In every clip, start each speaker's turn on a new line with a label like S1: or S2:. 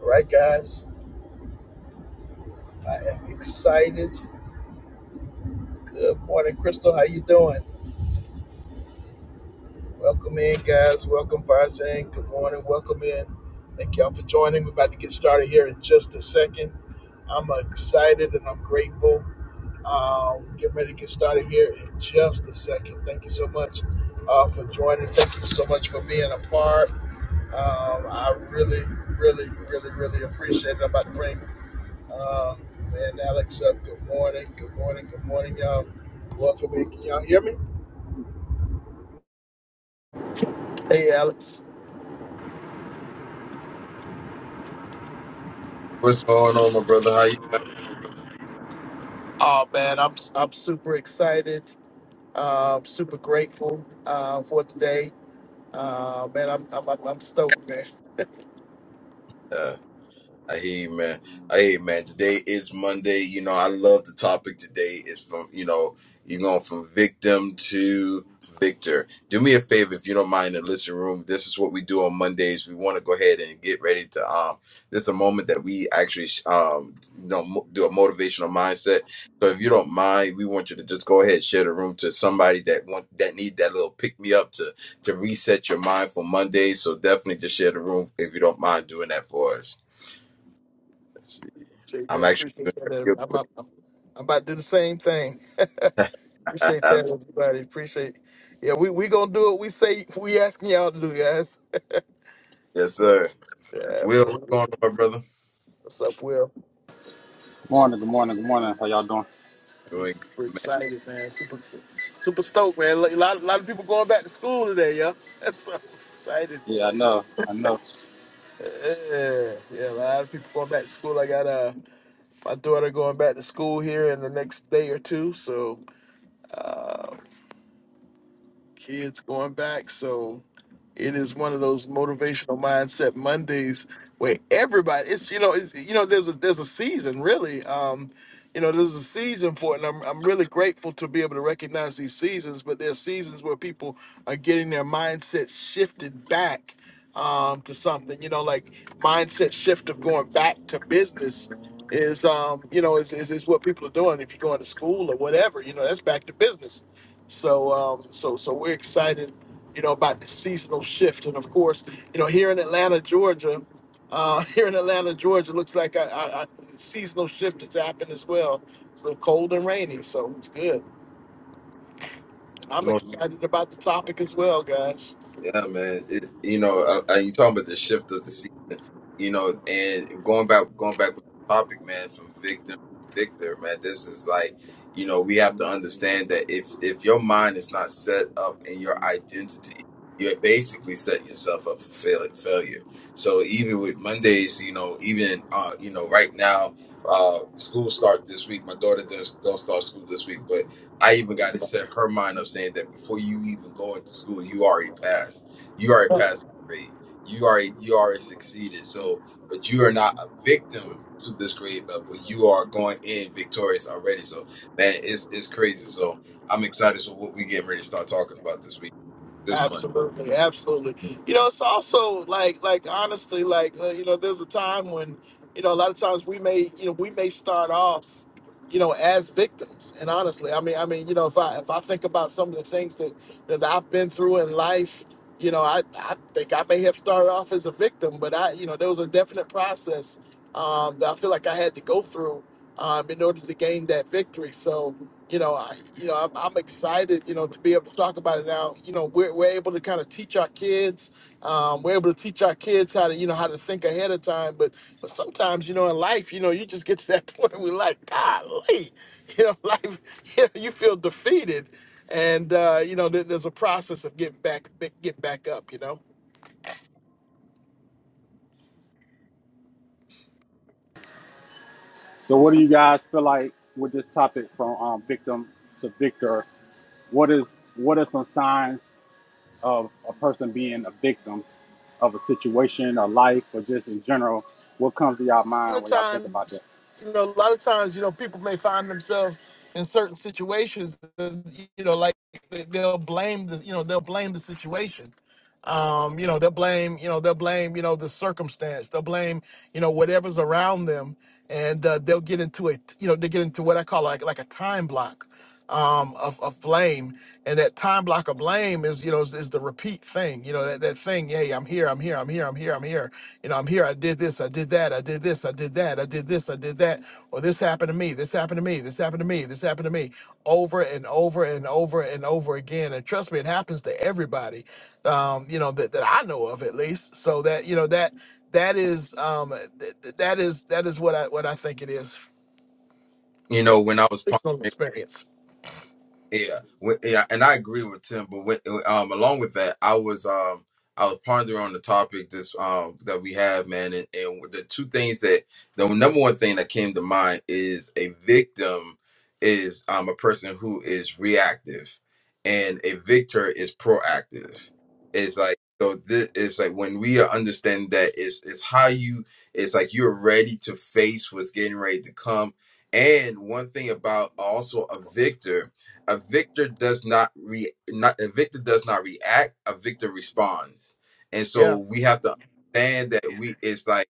S1: All right, guys. I am excited. Good morning, Crystal. How you doing? Welcome in, guys. Welcome, Farzan. Good morning. Welcome in. Thank y'all for joining. We're about to get started here in just a second. I'm excited and I'm grateful. Um, get ready to get started here in just a second. Thank you so much uh, for joining. Thank you so much for being a part. Um, I really, really, really, really appreciate it. I'm about to bring Uh, man, Alex up. Good morning. Good morning. Good morning, y'all. Welcome in. Can y'all hear me? Hey, Alex.
S2: What's going on, my brother? How you?
S1: Oh man, I'm I'm super excited. Um, super grateful uh, for the day. Uh, man, I'm I'm I'm, I'm stoked, man.
S2: Been? Amen. Amen. Today is Monday. You know, I love the topic today. It's from, you know, you're going from victim to victor. Do me a favor if you don't mind in the listening room. This is what we do on Mondays. We want to go ahead and get ready to um this is a moment that we actually um you know mo- do a motivational mindset. So if you don't mind, we want you to just go ahead and share the room to somebody that want that need that little pick me up to to reset your mind for Monday. So definitely just share the room if you don't mind doing that for us.
S1: Appreciate
S2: I'm
S1: that.
S2: actually doing
S1: Appreciate
S2: that
S1: that.
S2: real
S1: I'm, I'm, I'm I'm about to do the same thing. Appreciate
S2: quick.
S1: that, everybody. Appreciate. Yeah, we we gonna do what we say. We asking y'all to do, guys.
S2: yes,
S1: So
S2: sir.
S1: yeah,
S2: Will, what's
S1: absolutely.
S2: going on, my brother?
S1: What's up, Will?
S3: Morning, good morning, good morning. How y'all doing?
S1: We
S2: Doing
S1: super
S2: good,
S1: excited, man. Super, super stoked, man. A lot, a lot of people going back to school today, yo. That's so excited.
S3: Yeah, I know, I know.
S1: Yeah, yeah. A lot of people going back to school. I got uh my daughter going back to school here in the next day or two, so uh, kids going back. So it is one of those motivational mindset Mondays where everybody it's you know it's you know there's a there's a season really um you know there's a season for it and I'm I'm really grateful to be able to recognize these seasons but there's seasons where people are getting their mindset shifted back um to something you know like mindset shift of going back to business is um you know is, is is what people are doing if you're going to school or whatever you know that's back to business so, um, so, so we're excited, you know, about the seasonal shift, and of course, you know, here in Atlanta, Georgia, uh, here in Atlanta, Georgia, looks like a, a, a seasonal shift has happened as well. So cold and rainy, so it's good. I'm
S2: man. No,
S1: excited about the topic as well, guys.
S2: yeah, man. It, you know, I, I, you talking about the shift of the season. you know, and going back going back to the topic, man, from victim to victor, man, this is like, you know, we have to understand that if if your mind is not set up in your identity, you're basically setting yourself up for fail, failure. So even with Mondays, you know, even uh, you know, right now, uh, school start this week. My daughter does don't start school this week, but I even got to set her mind up saying that before you even go into school, you already passed. You already passed. grade. You already you already succeeded. So, but you are not a victim to this grade level. You are going in victorious already. So, man, it's it's crazy. So, I'm excited for what we getting ready to start talking about this week, this month.
S1: Absolutely, absolutely. You know, it's also like, like honestly, like uh, you know, there's a time when you know a lot of times we may, you know, we may start off, you know, as victims. And honestly, I mean, I mean, you know, if I if I think about some of the things that that I've been through in life, you know, I I think I may have started off as a victim, but I, you know, there was a definite process um, that I feel like I had to go through um, in order to gain that victory. So you know, I, you know, I'm, I'm excited, you know, to be able to talk about it now. You know, we're, we're able to kind of teach our kids. Um, we're able to teach our kids how to, you know, how to think ahead of time. But, but sometimes, you know, in life, you know, you just get to that point where, we're like, golly, you know, life, you, know, you feel defeated, and uh, you know, there, there's a process of getting back, get back up, you know.
S3: So, what do you guys feel like with this topic from um, victim to victor? What is what are some signs of a person being a victim of a situation, or life, or just in general? What comes to y'all
S1: lot
S3: mind
S1: of
S3: when y'all think
S1: times,
S3: about that?
S1: you know, a lot of times, you know, people may find themselves in certain situations, uh, you know, like they- they'll blame the, you know, they'll blame the situation. Um, you know, they'll blame, you know, they'll blame, you know, the circumstance. They'll blame, you know, whatever's around them, and uh, they'll get into a, you know, they get into what I call like like a time block um, of, of blame. And that time block of blame is, you know, is, is the repeat thing, you know, that, that thing, hey, I'm here, I'm here, I'm here, I'm here, I'm here. You know, I'm here. I did this. I did that. I did this. I did that. I did this. I did that. Or this happened to me. This happened to me. This happened to me. This happened to me. Over and over and over and over again. And trust me, it happens to everybody. Um, you know that, that I know of at least. So that you know that that is um th- th- that is that is what I what I think it is
S2: You
S1: from
S2: know, when I was pondering.
S1: personal experience.
S2: Yeah, wi- yeah, and I agree with Tim. But with, um, along with that, I was um, I was pondering on the topic this um that we have, man, and, and the two things that the number one thing that came to mind is a victim is um a person who is reactive, and a victor is proactive. It's like so this it's like when we understand that it's it's how you it's like you're ready to face what's getting ready to come. And one thing about also a victor a victor does not re not a victor does not react a victor responds and so
S1: Yeah,
S2: we have to understand that we it's like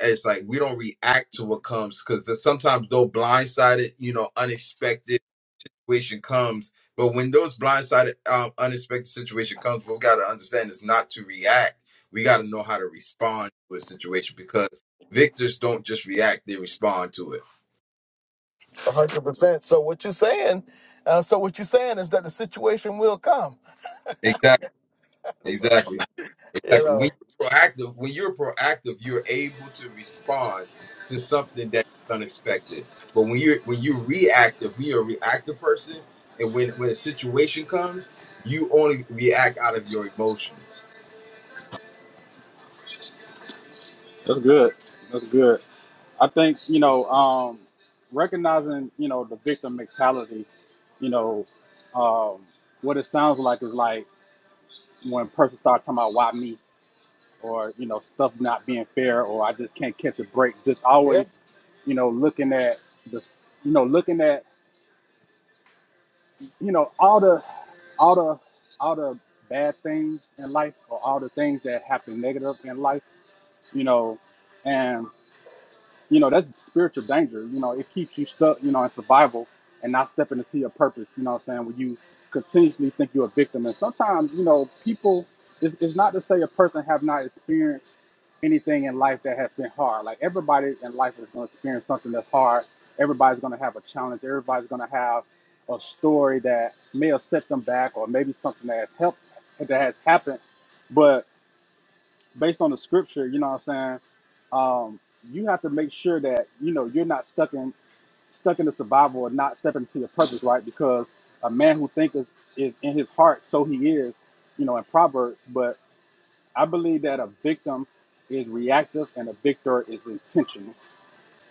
S2: it's like we don't react to what comes because sometimes though blindsided you know unexpected situation comes but when those blindsided um, unexpected situation comes we've got to understand it's not to react we got to know how to respond to a situation because victors don't just react they respond to it
S1: a hundred percent. So what you're saying, uh, so what you're saying is that the situation will come.
S2: Exactly.
S1: So,
S2: Exactly.
S1: you
S2: Exactly.
S1: know.
S2: When you're proactive, when you're proactive, you're able to respond to something that is unexpected. But when you're when you're reactive, when you're a reactive person, and when when a situation comes, you only react out of your emotions.
S3: That's good. That's good. I think you know um, recognizing you know the victim mentality. You know um, what it sounds like is like when a person starts talking about why me or you know stuff not being fair or I just can't catch a break. Just
S1: yeah.
S3: always, you know, looking at the, you know, looking at you know all the, all the, all the bad things in life or all the things that happen negative in life, you know, and. you know that's spiritual danger you know it keeps you stuck you know in survival and not stepping into your purpose you know what i'm saying when you continuously think you're a victim and sometimes you know people it's, it's not to say a person have not experienced anything in life that has been hard like everybody in life is going to experience something that's hard everybody's going to have a challenge everybody's going to have a story that may have set them back or maybe something that has helped that has happened but based on the scripture, you know what I'm saying? Um, you have to make sure that, you know, you're not stuck in stuck in the survival and not stepping into your purpose, right? Because a man who thinks is, is in his heart, so he is, you know, in Proverbs. But I believe that a victim is reactive and a victor is intentional.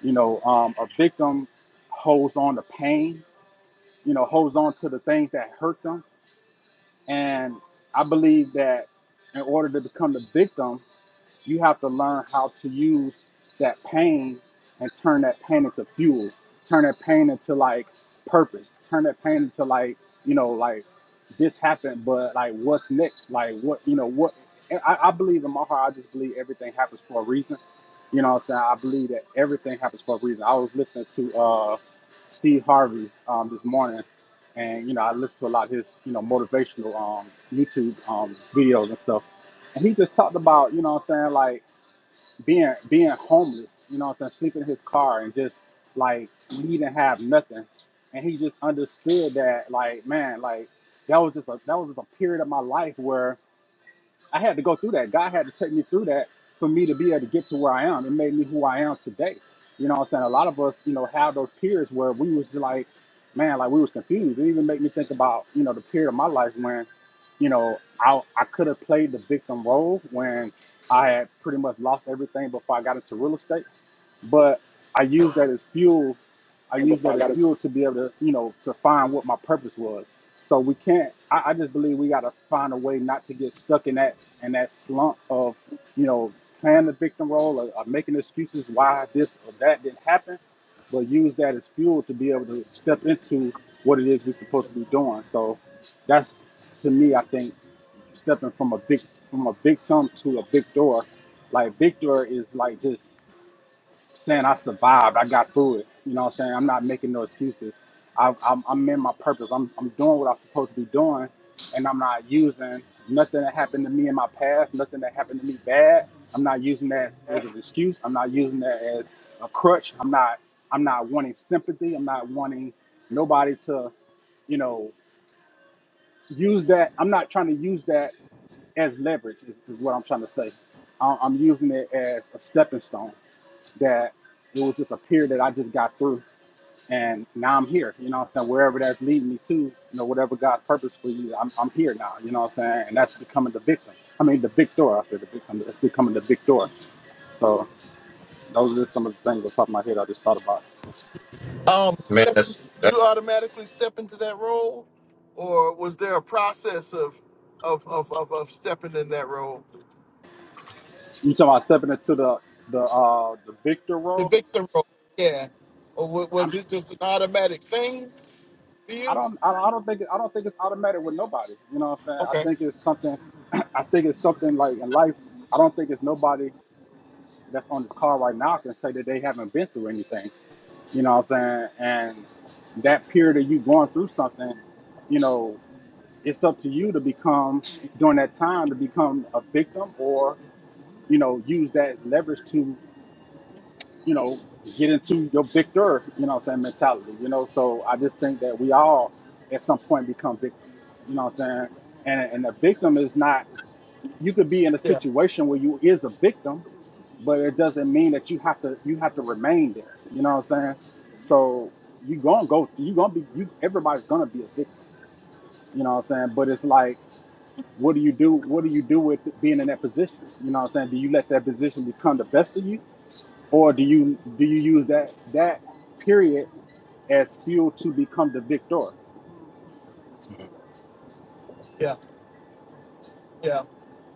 S3: You know, um, a victim holds on to pain, you know, holds on to the things that hurt them. And I believe that in order to become the victim, You have to learn how to use that pain and turn that pain into fuel, turn that pain into like purpose, turn that pain into like, you know, like this happened, but like what's next? Like what, you know, what? and I, I believe in my heart, I just believe everything happens for a reason. You know what I'm saying? I believe that everything happens for a reason. I was listening to uh, Steve Harvey um, this morning, and you know I listen to a lot of his you know motivational um, YouTube um, videos and stuff. And he just talked about, you know what I'm saying, like being being homeless, you know what I'm saying, sleeping in his car and just like needing have nothing. And he just understood that like, man, like that was just a that was just a period of my life where. I had to go through that. God had to take me through that for me to be able to get to where I am. It made me who I am today. You know what I'm saying? A lot of us, you know, have those periods where we was like, man, like we was confused. It even made me think about, you know, the period of my life when, you know, I I could have played the victim role when I had pretty much lost everything before I got into real estate but I use that as fuel. I use that as fuel to be able to, you know, to find what my purpose was. So we can't. I, I just believe we got to find a way not to get stuck in that in that slump of, you know, playing the victim role or, or making excuses why this or that didn't happen, but use that as fuel to be able to step into what it is we're supposed to be doing. So that's to me, I think stepping from a big from a victim to a victor. Like victor is like just saying I survived. I got through it. You know what I'm saying? I'm not making no excuses. I, I'm, I'm in my purpose. I'm, I'm doing what I'm supposed to be doing, and I'm not using nothing that happened to me in my past, nothing that happened to me bad. I'm not using that as an excuse. I'm not using that as a crutch. I'm not I'm not wanting sympathy. I'm not wanting nobody to, you know, use that. I'm not trying to use that as leverage. Is, is what I'm trying to say. I- I'm using it as a stepping stone that it was just a period that I just got through. And now I'm here, you know what I'm saying? Wherever that's leading me to, you know, whatever God's purpose for you, I'm, I'm here now, you know what I'm saying? And that's becoming the victim. I mean, the victor, I said, the victim, it's becoming the victor. So those are just some of the things off the top of my head I just thought about.
S1: Um,
S2: Man,
S1: step,
S2: that's
S1: did
S2: that's
S1: you automatically step into that role, or was there a process of of of of, of stepping in that role,
S3: You talking about stepping into the, the, uh, the victor
S1: the
S3: role?
S1: victor role? Yeah, or wa-
S3: I'm,
S1: was it just an automatic thing for
S3: I
S1: you?
S3: don't, I don't I don't think, I don't think it's automatic with nobody. You know what I'm saying? I
S1: Okay,
S3: think it's something, I think it's something like in life, I don't think it's nobody that's on this call right now can say that they haven't been through anything. You know what I'm saying? And that period of you going through something, you know, it's up to you to become during that time to become a victim or, you know, use that as leverage to, you know, get into your victor, you know what I'm saying, mentality. You know, so I just think that we all at some point become victims. You know what I'm saying? And and a victim is not you could be in a
S1: yeah,
S3: situation where you is a victim but it doesn't mean that you have to you have to remain there. You know what I'm saying? So you gonna go you gonna be you everybody's gonna be a victim. You know what I'm saying? But it's like what do you do what do you do with being in that position? You know what I'm saying? Do you let that position become the best of you? Or do you do you use that that period as fuel to become the victor?
S1: yeah. Yeah,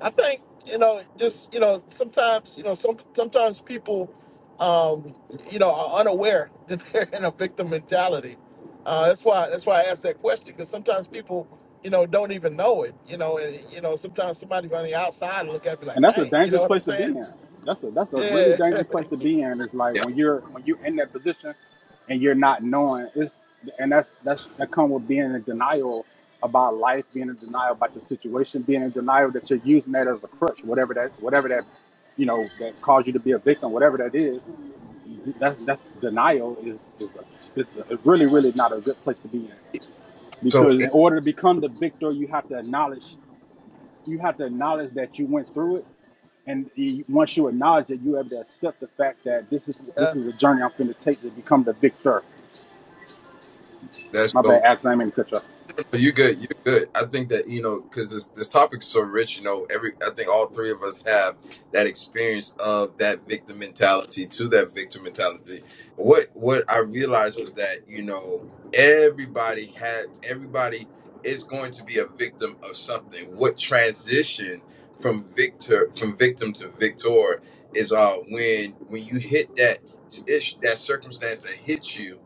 S1: I think you know, just you know, sometimes you know, some sometimes people, um, you know, are unaware that they're in a victim mentality. Uh, that's why that's why I asked that question because sometimes people, you know, don't even know it. You know, and you know, sometimes somebody from the outside will look at me
S3: and
S1: like,
S3: that's a
S1: "Dang," you
S3: dangerous
S1: know what
S3: place
S1: I'm
S3: to be
S1: saying?
S3: in. That's a that's a really
S1: Yeah,
S3: dangerous place to be in. It's like
S2: yeah.
S3: when you're when you're in that position and you're not knowing. It's and that's that's that come with being in denial about life, being in denial about your situation, being in denial that you're using that as a crutch, whatever that whatever that you know that caused you to be a victim, whatever that is. That's that's denial is is, a, is a, really really not a good place to be in
S2: So
S3: because in order to become the victor, you have to acknowledge you have to acknowledge that you went through it and you, once you acknowledge that, you have to accept the fact that this is
S1: yeah.
S3: this is a journey I'm going to take to become the victor.
S2: that's
S3: My
S2: dope.
S3: bad, Alex, I didn't mean to cut you off.
S2: You good? You good? I think that you know because this this topic's so rich. You know, every I think all three of us have that experience of that victim mentality to that victim mentality. What what I realize is that you know everybody had everybody is going to be a victim of something. What transition from victor from victim to victor is uh when when you hit that ish that circumstance that hits you.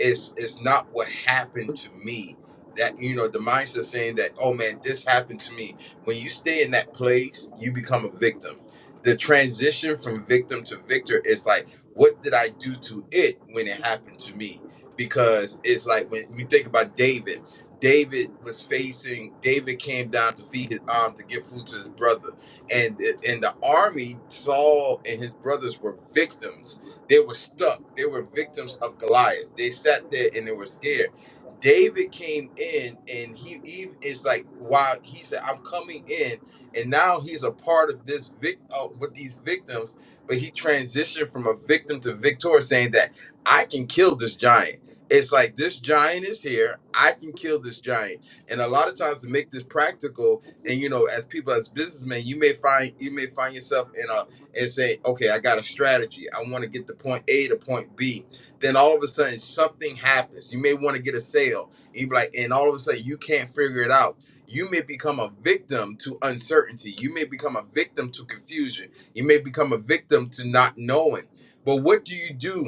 S2: It's it's not what happened to me that you know the mindset saying that oh man this happened to me when you stay in that place you become a victim the transition from victim to victor is like what did i do to it when it happened to me because it's like when we think about david david was facing david came down to feed his um to give food to his brother and and the army saul and his brothers were victims they were stuck they were victims of goliath they sat there and they were scared David came in and he even is like wow he said I'm coming in and now he's a part of this vic uh, with these victims but he transitioned from a victim to victor saying that I can kill this giant it's like this giant is here I can kill this giant and a lot of times to make this practical and you know as people as businessmen you may find you may find yourself in a and say okay I got a strategy I want to get to point A to point B then all of a sudden something happens. You may want to get a sale, and you be like, and all of a sudden you can't figure it out. You may become a victim to uncertainty. You may become a victim to confusion. You may become a victim to not knowing. But what do you do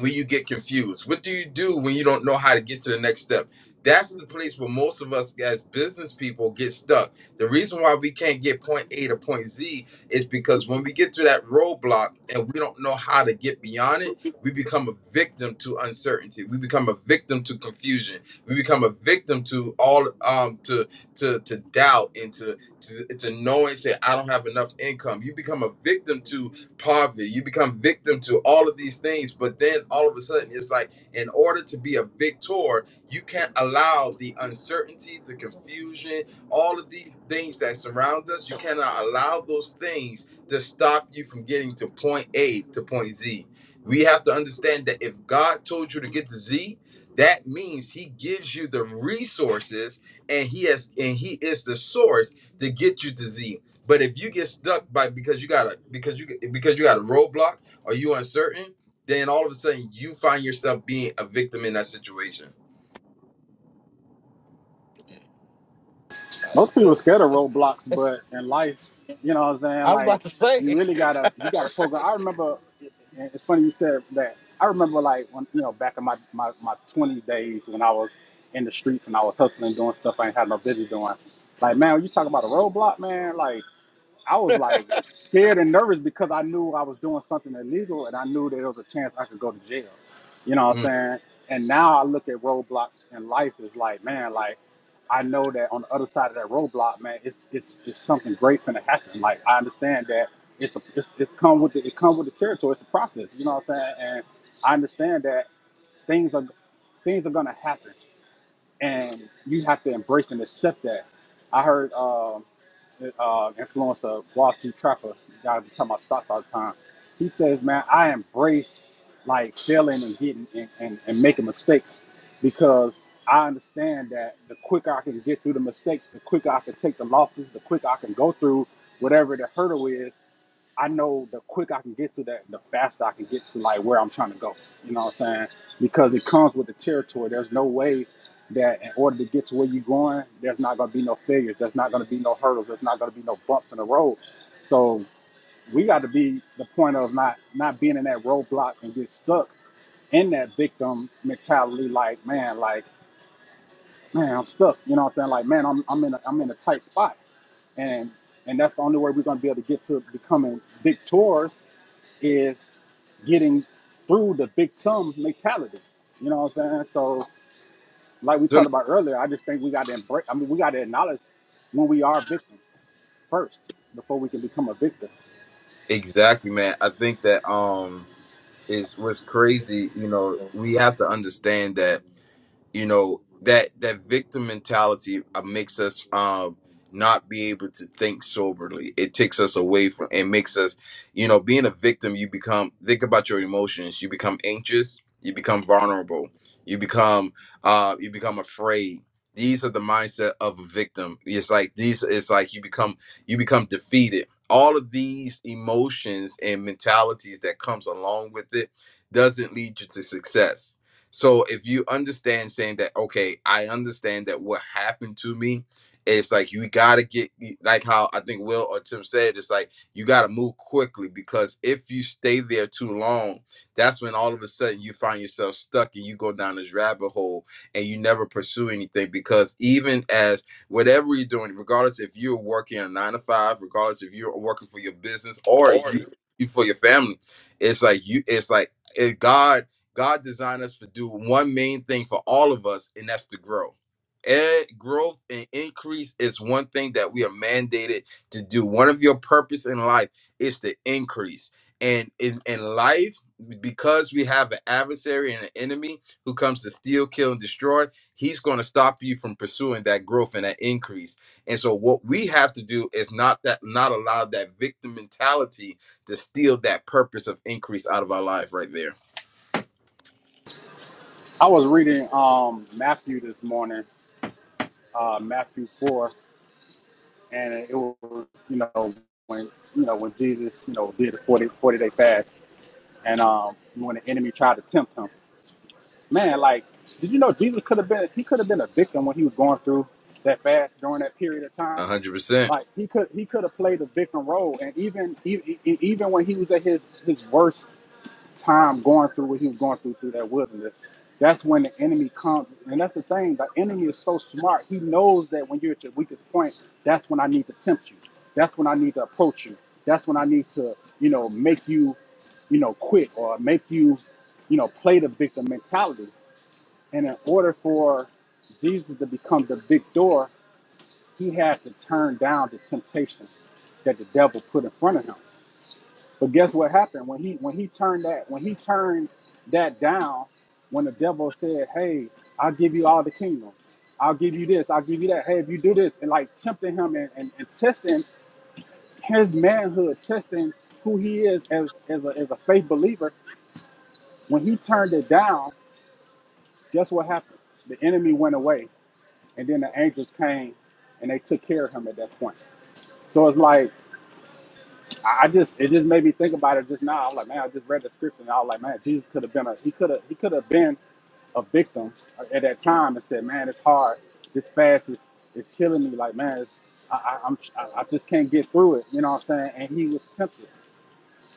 S2: when you get confused? What do you do when you don't know how to get to the next step? That's the place where most of us as business people get stuck. The reason why we can't get point A to point Z is because when we get to that roadblock and we don't know how to get beyond it, we become a victim to uncertainty. We become a victim to confusion. We become a victim to all um to to to doubt and to to, to know and say I don't have enough income. You become a victim to poverty. You become victim to all of these things, but then all of a sudden it's like in order to be a victor, you can't allow the uncertainty, the confusion, all of these things that surround us, you cannot allow those things to stop you from getting to point A to point Z. We have to understand that if God told you to get to Z, that means he gives you the resources and he has and he is the source to get you to Z. But if you get stuck by because you got a because you because you got a roadblock or you uncertain, then all of a sudden you find yourself being a victim in that situation.
S1: Oh, that's
S3: Most people are
S1: good.
S3: scared of roadblocks, but in life, you know what I'm saying?
S1: I was
S3: Like,
S1: about to
S3: you
S1: say.
S3: really gotta you gotta
S1: Right.
S3: program. I remember, and it's funny you said that. I remember like when you know back in my my my 20 days when I was in the streets and I was hustling, doing stuff I ain't had no business doing. Like, man, when you talk about a roadblock, man, like I was like scared and nervous because I knew I was doing something illegal and I knew there was a chance I could go to jail. You know what
S2: Mm.
S3: I'm saying? And now I look at roadblocks in life is like, man, like I know that on the other side of that roadblock, man, it's it's it's something great gonna happen. Like I understand that it's a, it's, it's come with the, it come with the territory. It's a process. You know what I'm saying? And I understand that things are things are gonna happen, and you have to embrace and accept that. I heard. Um, uh, influencer, Wall Street Trapper, guy be talking about stocks all the time. He says, man, I embrace like failing and getting and, and, and making mistakes because I understand that the quicker I can get through the mistakes, the quicker I can take the losses, the quicker I can go through whatever the hurdle is I know the quicker I can get to that, the faster I can get to like where I'm trying to go. You know what I'm saying? Because it comes with the territory. There's no way that in order to get to where you're going, there's not gonna be no failures. There's not gonna be no hurdles. There's not gonna be no bumps in the road. So we got to be the point of not not being in that roadblock and get stuck in that victim mentality. Like man, like man, I'm stuck. You know what I'm saying? Like man, I'm I'm in a, I'm in a tight spot, and and that's the only way we're gonna be able to get to becoming victors is getting through the big tum mentality. You know what I'm saying? So, like we
S2: So-
S3: talked about earlier, I just think we got to embrace. I mean, we got to acknowledge when we are victims first before we can become a victim.
S2: exactly, man. I think that um is what's crazy. You know, we have to understand that you know that that victim mentality uh, makes us um not be able to think soberly it takes us away from it makes us you know being a victim you become think about your emotions you become anxious you become vulnerable you become uh you become afraid these are the mindset of a victim it's like these it's like you become you become defeated all of these emotions and mentalities that comes along with it doesn't lead you to success so if you understand saying that, okay, I understand that what happened to me, it's like you gotta get like how I think Will or Tim said, it's like you gotta move quickly because if you stay there too long, that's when all of a sudden you find yourself stuck and you go down this rabbit hole and you never pursue anything because even as whatever you're doing, regardless if you're working a nine to five, regardless if you're working for your business or you, you for your family, it's like you it's like it, God God designed us to do one main thing for all of us, and that's to grow. And growth and increase is one thing that we are mandated to do. One of your purpose in life is to increase. And in, in life, because we have an adversary and an enemy who comes to steal, kill, and destroy, he's going to stop you from pursuing that growth and that increase. And so what we have to do is not that not allow that victim mentality to steal that purpose of increase out of our life right there.
S3: I was reading um, Matthew this morning, uh, Matthew four, and it was you know when you know when Jesus you know did a 40 40 day fast, and um, when the enemy tried to tempt him, man, like did you know Jesus could have been he could have been a victim when he was going through that fast during that period of time
S2: A hundred percent.
S3: Like he could he could have played a victim role, and even even even when he was at his his worst time going through what he was going through through that wilderness, that's when the enemy comes, and that's the thing. The enemy is so smart; he knows that when you're at your weakest point, that's when I need to tempt you. That's when I need to approach you. That's when I need to you know make you you know quit or make you you know play the victim mentality. And in order for Jesus to become the victor, he had to turn down the temptation that the devil put in front of him. But guess what happened when he when he turned that when he turned that down when the devil said, "Hey, I'll give you all the kingdom. I'll give you this. I'll give you that. Hey, if you do this," and like tempting him and, and, and testing his manhood, testing who he is as as a, as a faith believer. When he turned it down, guess what happened? The enemy went away, and then the angels came and they took care of him at that point. So it's like I I just it just made me think about it just now. I was like, man, I just read the scripture and I was like, man, Jesus could have been a he could have he could have been a victim at that time and said, man, it's hard. This fast is is killing me. Like, man, it's, I, I, I'm I, I just can't get through it. You know what I'm saying? And he was tempted.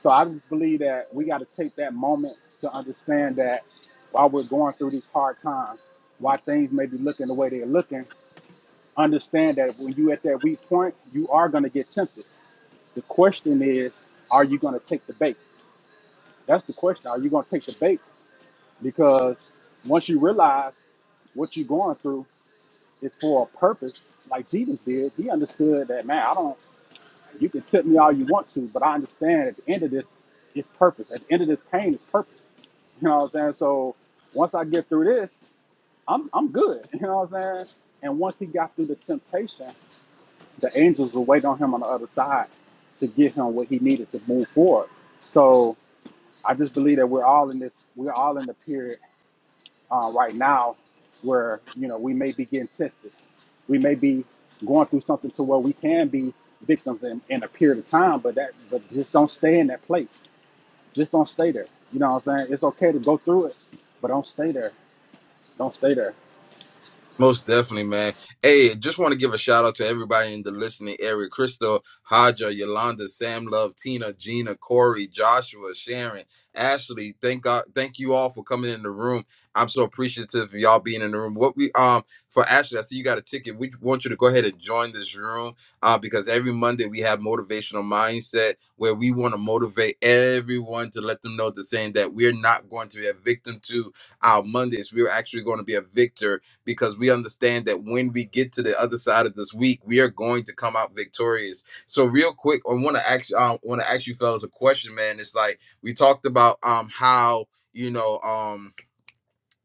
S3: So I just believe that we got to take that moment to understand that while we're going through these hard times, why things may be looking the way they're looking, understand that when you at that weak point, you are going to get tempted the question is, are you going to take the bait? That's the question. Are you going to take the bait? Because once you realize what you're going through is for a purpose, like Jesus did, he understood that, man, I don't, you can tip me all you want to, but I understand at the end of this, it's purpose. At the end of this pain, is purpose. You know what I'm saying? So once I get through this, I'm I'm good. You know what I'm saying? And once he got through the temptation, the angels were waiting on him on the other side to give him what he needed to move forward. So I just believe that we're all in this, we're all in the period uh, right now where, you know, we may be getting tested. We may be going through something to where we can be victims in, in a period of time, but that, but just don't stay in that place. Just don't stay there. You know what I'm saying? It's okay to go through it, but don't stay there. Don't stay there.
S2: Most definitely, man. Hey, just want to give a shout out to everybody in the listening area. Crystal, Haja, Yolanda, Sam Love, Tina, Gina, Corey, Joshua, Sharon, Ashley. Thank God thank you all for coming in the room. I'm so appreciative of y'all being in the room. What we um for Ashley, I see you got a ticket. We want you to go ahead and join this room uh, because every Monday we have motivational mindset where we want to motivate everyone to let them know the saying that we're not going to be a victim to our Mondays. We're actually going to be a victor because we understand that when we get to the other side of this week, we are going to come out victorious. So real quick, I want to ask um want to ask you fellas a question, man. It's like we talked about um how you know um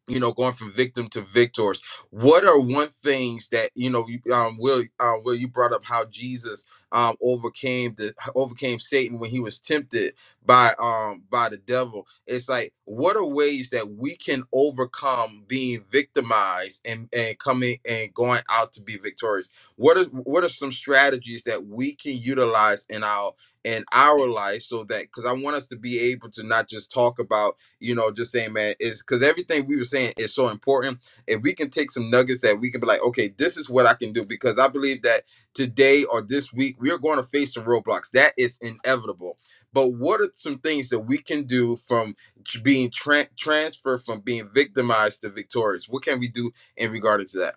S2: you know, going from victim to victors. What are one things that you know, you, um, Will, uh, Will, you brought up how Jesus um, overcame the overcame Satan when he was tempted by um by the devil. It's like what are ways that we can overcome being victimized and and coming and going out to be victorious. What are what are some strategies that we can utilize in our in our life so that because I want us to be able to not just talk about you know, just saying, man, is because everything we were saying is so important. If we can take some nuggets that we can be like, okay, this is what I can do, because I believe that today or this week we are going to face some roadblocks. That is inevitable. But what are some things that we can do from tr- being tran transferred from being victimized to victorious? What can we do in regard to that?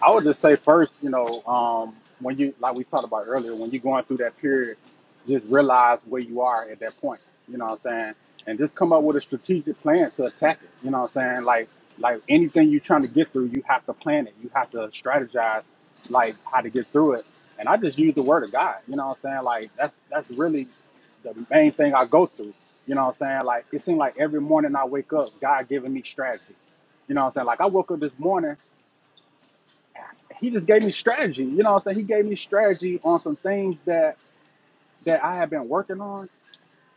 S3: I would just say first, you know, um, when you like we talked about earlier, when you're going through that period, just realize where you are at that point. You know what I'm saying? And just come up with a strategic plan to attack it. You know what I'm saying? Like like anything you're trying to get through, you have to plan it. You have to strategize like how to get through it. And I just use the word of God. You know what I'm saying? Like that's that's really the main thing I go through. You know what I'm saying? Like it seems like every morning I wake up, God giving me strategy. You know what I'm saying? Like I woke up this morning he just gave me strategy. You know what I'm saying? He gave me strategy on some things that that I had been working on.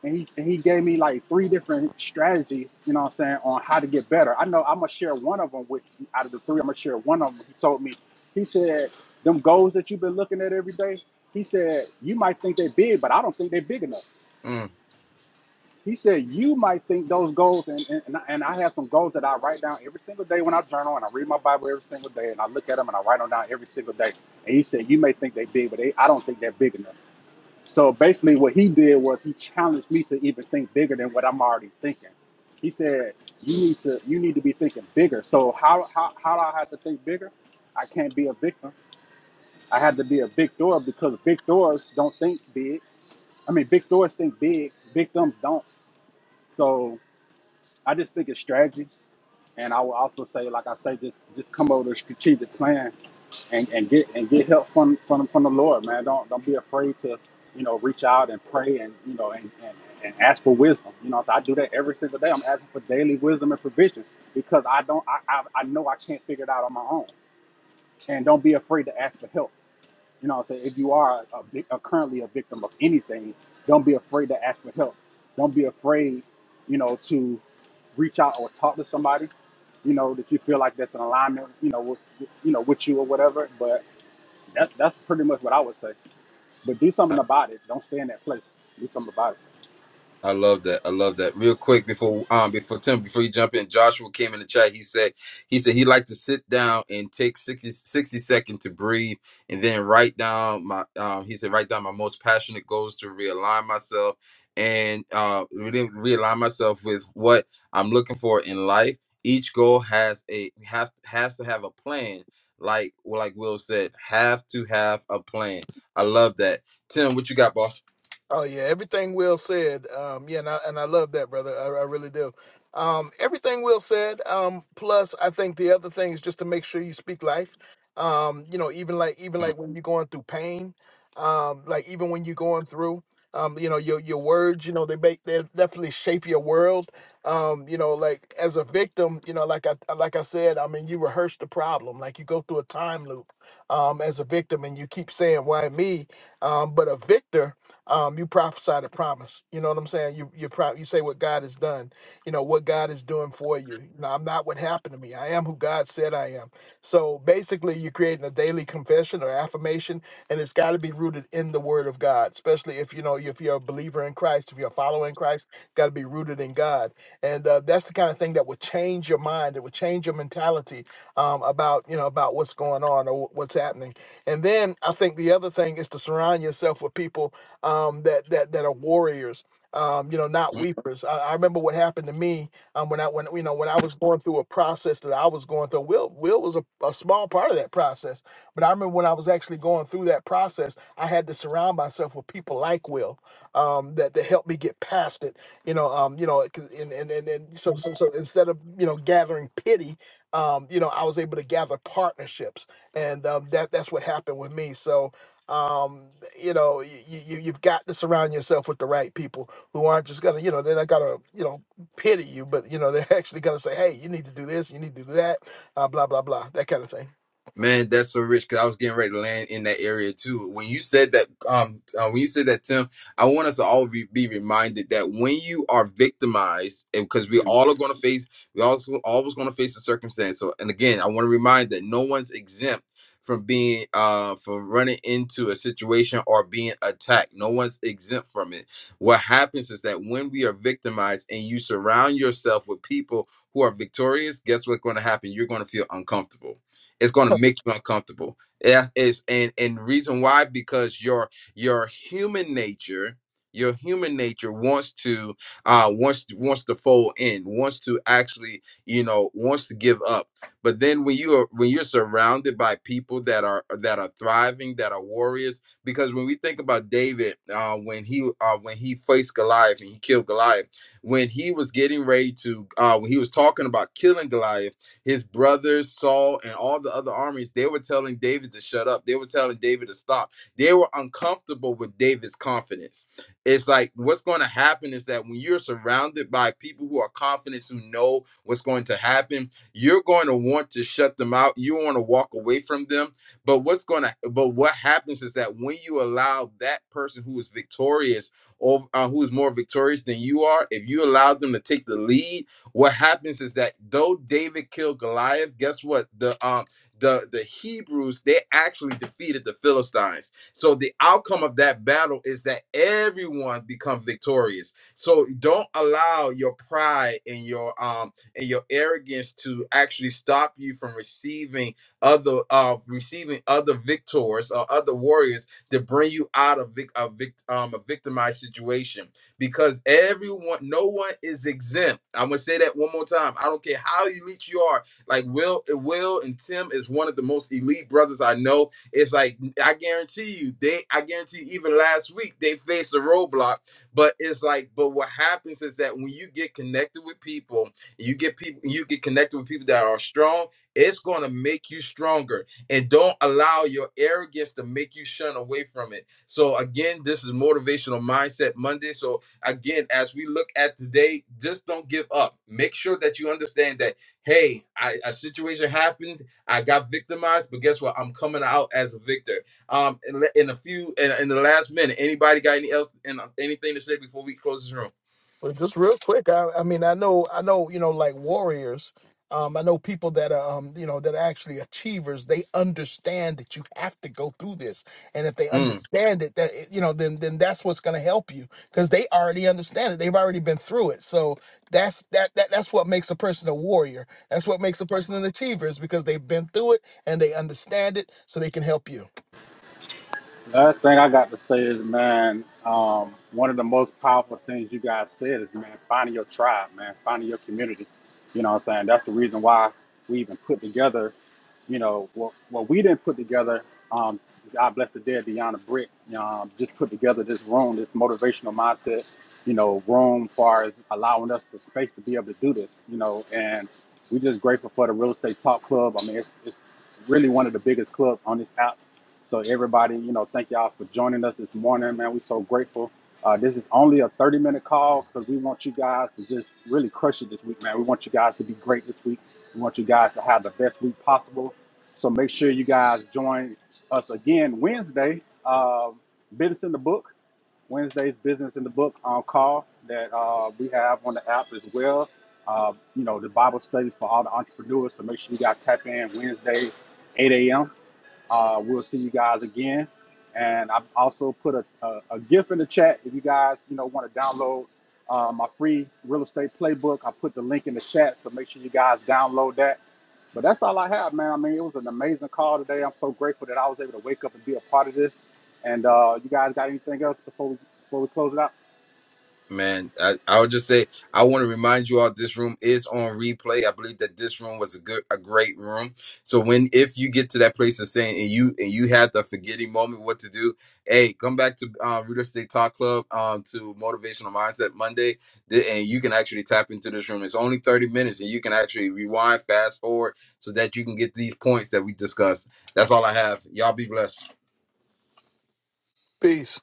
S3: And he, and he gave me like three different strategies, you know what I'm saying, on how to get better. I know I'm gonna share one of them with you. out of the three, I'm gonna share one of them. He told me, he said, them goals that you've been looking at every day, he said, you might think they're big, but I don't think they're big enough.
S2: Mm.
S3: He said, You might think those goals, and, and, and I have some goals that I write down every single day when I journal and I read my Bible every single day and I look at them and I write them down every single day. And he said, You may think they're big, but they, I don't think they're big enough. So basically, what he did was he challenged me to even think bigger than what I'm already thinking. He said, You need to you need to be thinking bigger. So, how, how, how do I have to think bigger? I can't be a victim. I have to be a victor because victors don't think big. I mean, victors think big, victims don't. So I just think it's strategy, and I will also say, like I say, just just come over with a strategic plan, and, and get and get help from, from from the Lord, man. Don't don't be afraid to you know reach out and pray and you know and, and, and ask for wisdom. You know, so I do that every single day. I'm asking for daily wisdom and provision because I don't I, I I know I can't figure it out on my own, and don't be afraid to ask for help. You know, so if you are a, vic- a currently a victim of anything, don't be afraid to ask for help. Don't be afraid, you know, to reach out or talk to somebody, you know, that you feel like that's in alignment, you know, with, with- you know, with you or whatever. But that, that's pretty much what I would say. But do something about it. Don't stay in that place. Do something about it.
S2: I love that. I love that. Real quick before um before Tim before you jump in, Joshua came in the chat. He said he said he liked to sit down and take 60 60 seconds to breathe and then write down my um he said write down my most passionate goals to realign myself and uh re- realign myself with what I'm looking for in life. Each goal has a have has to have a plan. Like like Will said, have to have a plan. I love that. Tim, what you got, boss?
S1: Oh yeah, everything Will said. Um, yeah, and I, and I love that, brother. I, I really do. Um, everything Will said. Um, plus, I think the other thing is just to make sure you speak life. Um, you know, even like even
S2: Mm-hmm.
S1: like when you're going through pain, um, like even when you're going through, um, you know, your your words, you know, they make they definitely shape your world. Um, you know, like as a victim, you know, like I like I said, I mean, you rehearse the problem, like you go through a time loop, um, as a victim, and you keep saying why me, um, but a victor um, you prophesy the promise. You know what I'm saying? You you pro- you say what God has done. You know what God is doing for you. You know, I'm not what happened to me. I am who God said I am. So basically, you're creating a daily confession or affirmation, and it's got to be rooted in the Word of God. Especially if you know if you're a believer in Christ, if you're following Christ, got to be rooted in God. And uh, that's the kind of thing that would change your mind. It would change your mentality um, about you know about what's going on or wh- what's happening. And then I think the other thing is to surround yourself with people um, that that that are warriors. Um, you know, not weepers. I, I remember what happened to me um, when I when you know when I was going through a process that I was going through. Will Will was a, a small part of that process, but I remember when I was actually going through that process, I had to surround myself with people like Will um, that that helped me get past it. You know, um, you know, 'cause- and and and, and so, so so instead of you know gathering pity, um, you know, I was able to gather partnerships, and um, that that's what happened with me. So um, you know, you, you you've got to surround yourself with the right people who aren't just gonna, you know, they're not gonna, you know, pity you, but you know, they're actually gonna say, hey, you need to do this, you need to do that, uh, blah blah blah, that kind of thing.
S2: Man, that's so rich because I was getting ready to land in that area too. When you said that, um, uh, when you said that, Tim, I want us to all be, be reminded that when you are victimized, and because we all are going to face, we also always going to face a circumstance. So, and again, I want to remind that no one's exempt from being, uh, from running into a situation or being attacked. No one's exempt from it. What happens is that when we are victimized and you surround yourself with people who are victorious, guess what's going to happen? You're going to feel uncomfortable it's going to make you uncomfortable. Yeah, it's and and reason why because your your human nature, your human nature wants to uh wants wants to fold in, wants to actually you know wants to give up. But then when you are when you're surrounded by people that are that are thriving, that are warriors, because when we think about David, uh, when he uh, when he faced Goliath and he killed Goliath when he was getting ready to uh when he was talking about killing Goliath his brothers Saul and all the other armies, they were telling David to shut up. They were telling David to stop. They were uncomfortable with David's confidence. It's like what's going to happen is that when you're surrounded by people who are confident, who know what's going to happen, you're going to want to shut them out. You want to walk away from them. But what's going to but what happens is that when you allow that person who is victorious or uh, who is more victorious than you are, if you allow them to take the lead what happens is that though David killed Goliath, guess what? The um the the Hebrews they actually defeated the Philistines. So the outcome of that battle is that everyone become victorious. So don't allow your pride and your um and your arrogance to actually stop you from receiving other uh receiving other victors or other warriors to bring you out of vic- a vic- um, a victimized situation because everyone, no one is exempt. I'm gonna say that one more time. I don't care how elite you are. Like Will, Will and Tim is one of the most elite brothers I know. It's like I guarantee you, they, I guarantee you, even last week they faced a roadblock. But it's like, but what happens is that when you get connected with people, you get people, you get connected with people that are strong. It's gonna make you stronger, and don't allow your arrogance to make you shun away from it. So again, this is motivational mindset Monday. So again, as we look at today, just don't give up. Make sure that you understand that, hey, I, a situation happened. I got victimized, but guess what? I'm coming out as a victor. Um, in, in a few, in, in the last minute, anybody got any else and anything to say before we close this room?
S1: Well, just real quick, I, I mean, I know, I know, you know, like warriors. Um, I know people that are, um, you know, that are actually achievers. They understand that you have to go through this, and if they
S2: Mm.
S1: understand it, that you know, then then that's what's going to help you because they already understand it. They've already been through it. So that's that that that's what makes a person a warrior. That's what makes a person an achiever is because they've been through it and they understand it, so they can help you.
S3: Last thing I got to say is, man, um, one of the most powerful things you guys said is, man, finding your tribe, man, finding your community. You know what I'm saying? That's the reason why we even put together, you know, what, what we didn't put together. Um, God bless the dead, Deanna Britt, um, just put together this room, this motivational mindset, you know, room far as allowing us the space to be able to do this, you know, and we're just grateful for the Real Estate Talk Club. I mean, it's, it's really one of the biggest clubs on this app so everybody, you know, thank y'all for joining us this morning, man. We're so grateful. Uh, this is only a 30 minute call because we want you guys to just really crush it this week, man. We want you guys to be great this week. We want you guys to have the best week possible. So make sure you guys join us again Wednesday. Uh, business in the book. Wednesday's business in the book on call that uh, we have on the app as well. Uh, you know, the Bible studies for all the entrepreneurs. So make sure you guys tap in Wednesday, 8 a.m. Uh, we'll see you guys again. And I've also put a, a, a GIF in the chat if you guys, you know, want to download uh, my free real estate playbook. I put the link in the chat, so make sure you guys download that. But that's all I have, man. I mean, it was an amazing call today. I'm so grateful that I was able to wake up and be a part of this. And uh, you guys got anything else before we before we close it out?
S2: Man, I, I would just say I want to remind you all this room is on replay. I believe that this room was a good a great room. So when if you get to that place of saying and you and you had the forgetting moment what to do, hey, come back to uh Real Estate Talk Club um to motivational mindset Monday th- and you can actually tap into this room. It's only 30 minutes and you can actually rewind, fast forward so that you can get these points that we discussed. That's all I have. Y'all be blessed.
S1: Peace.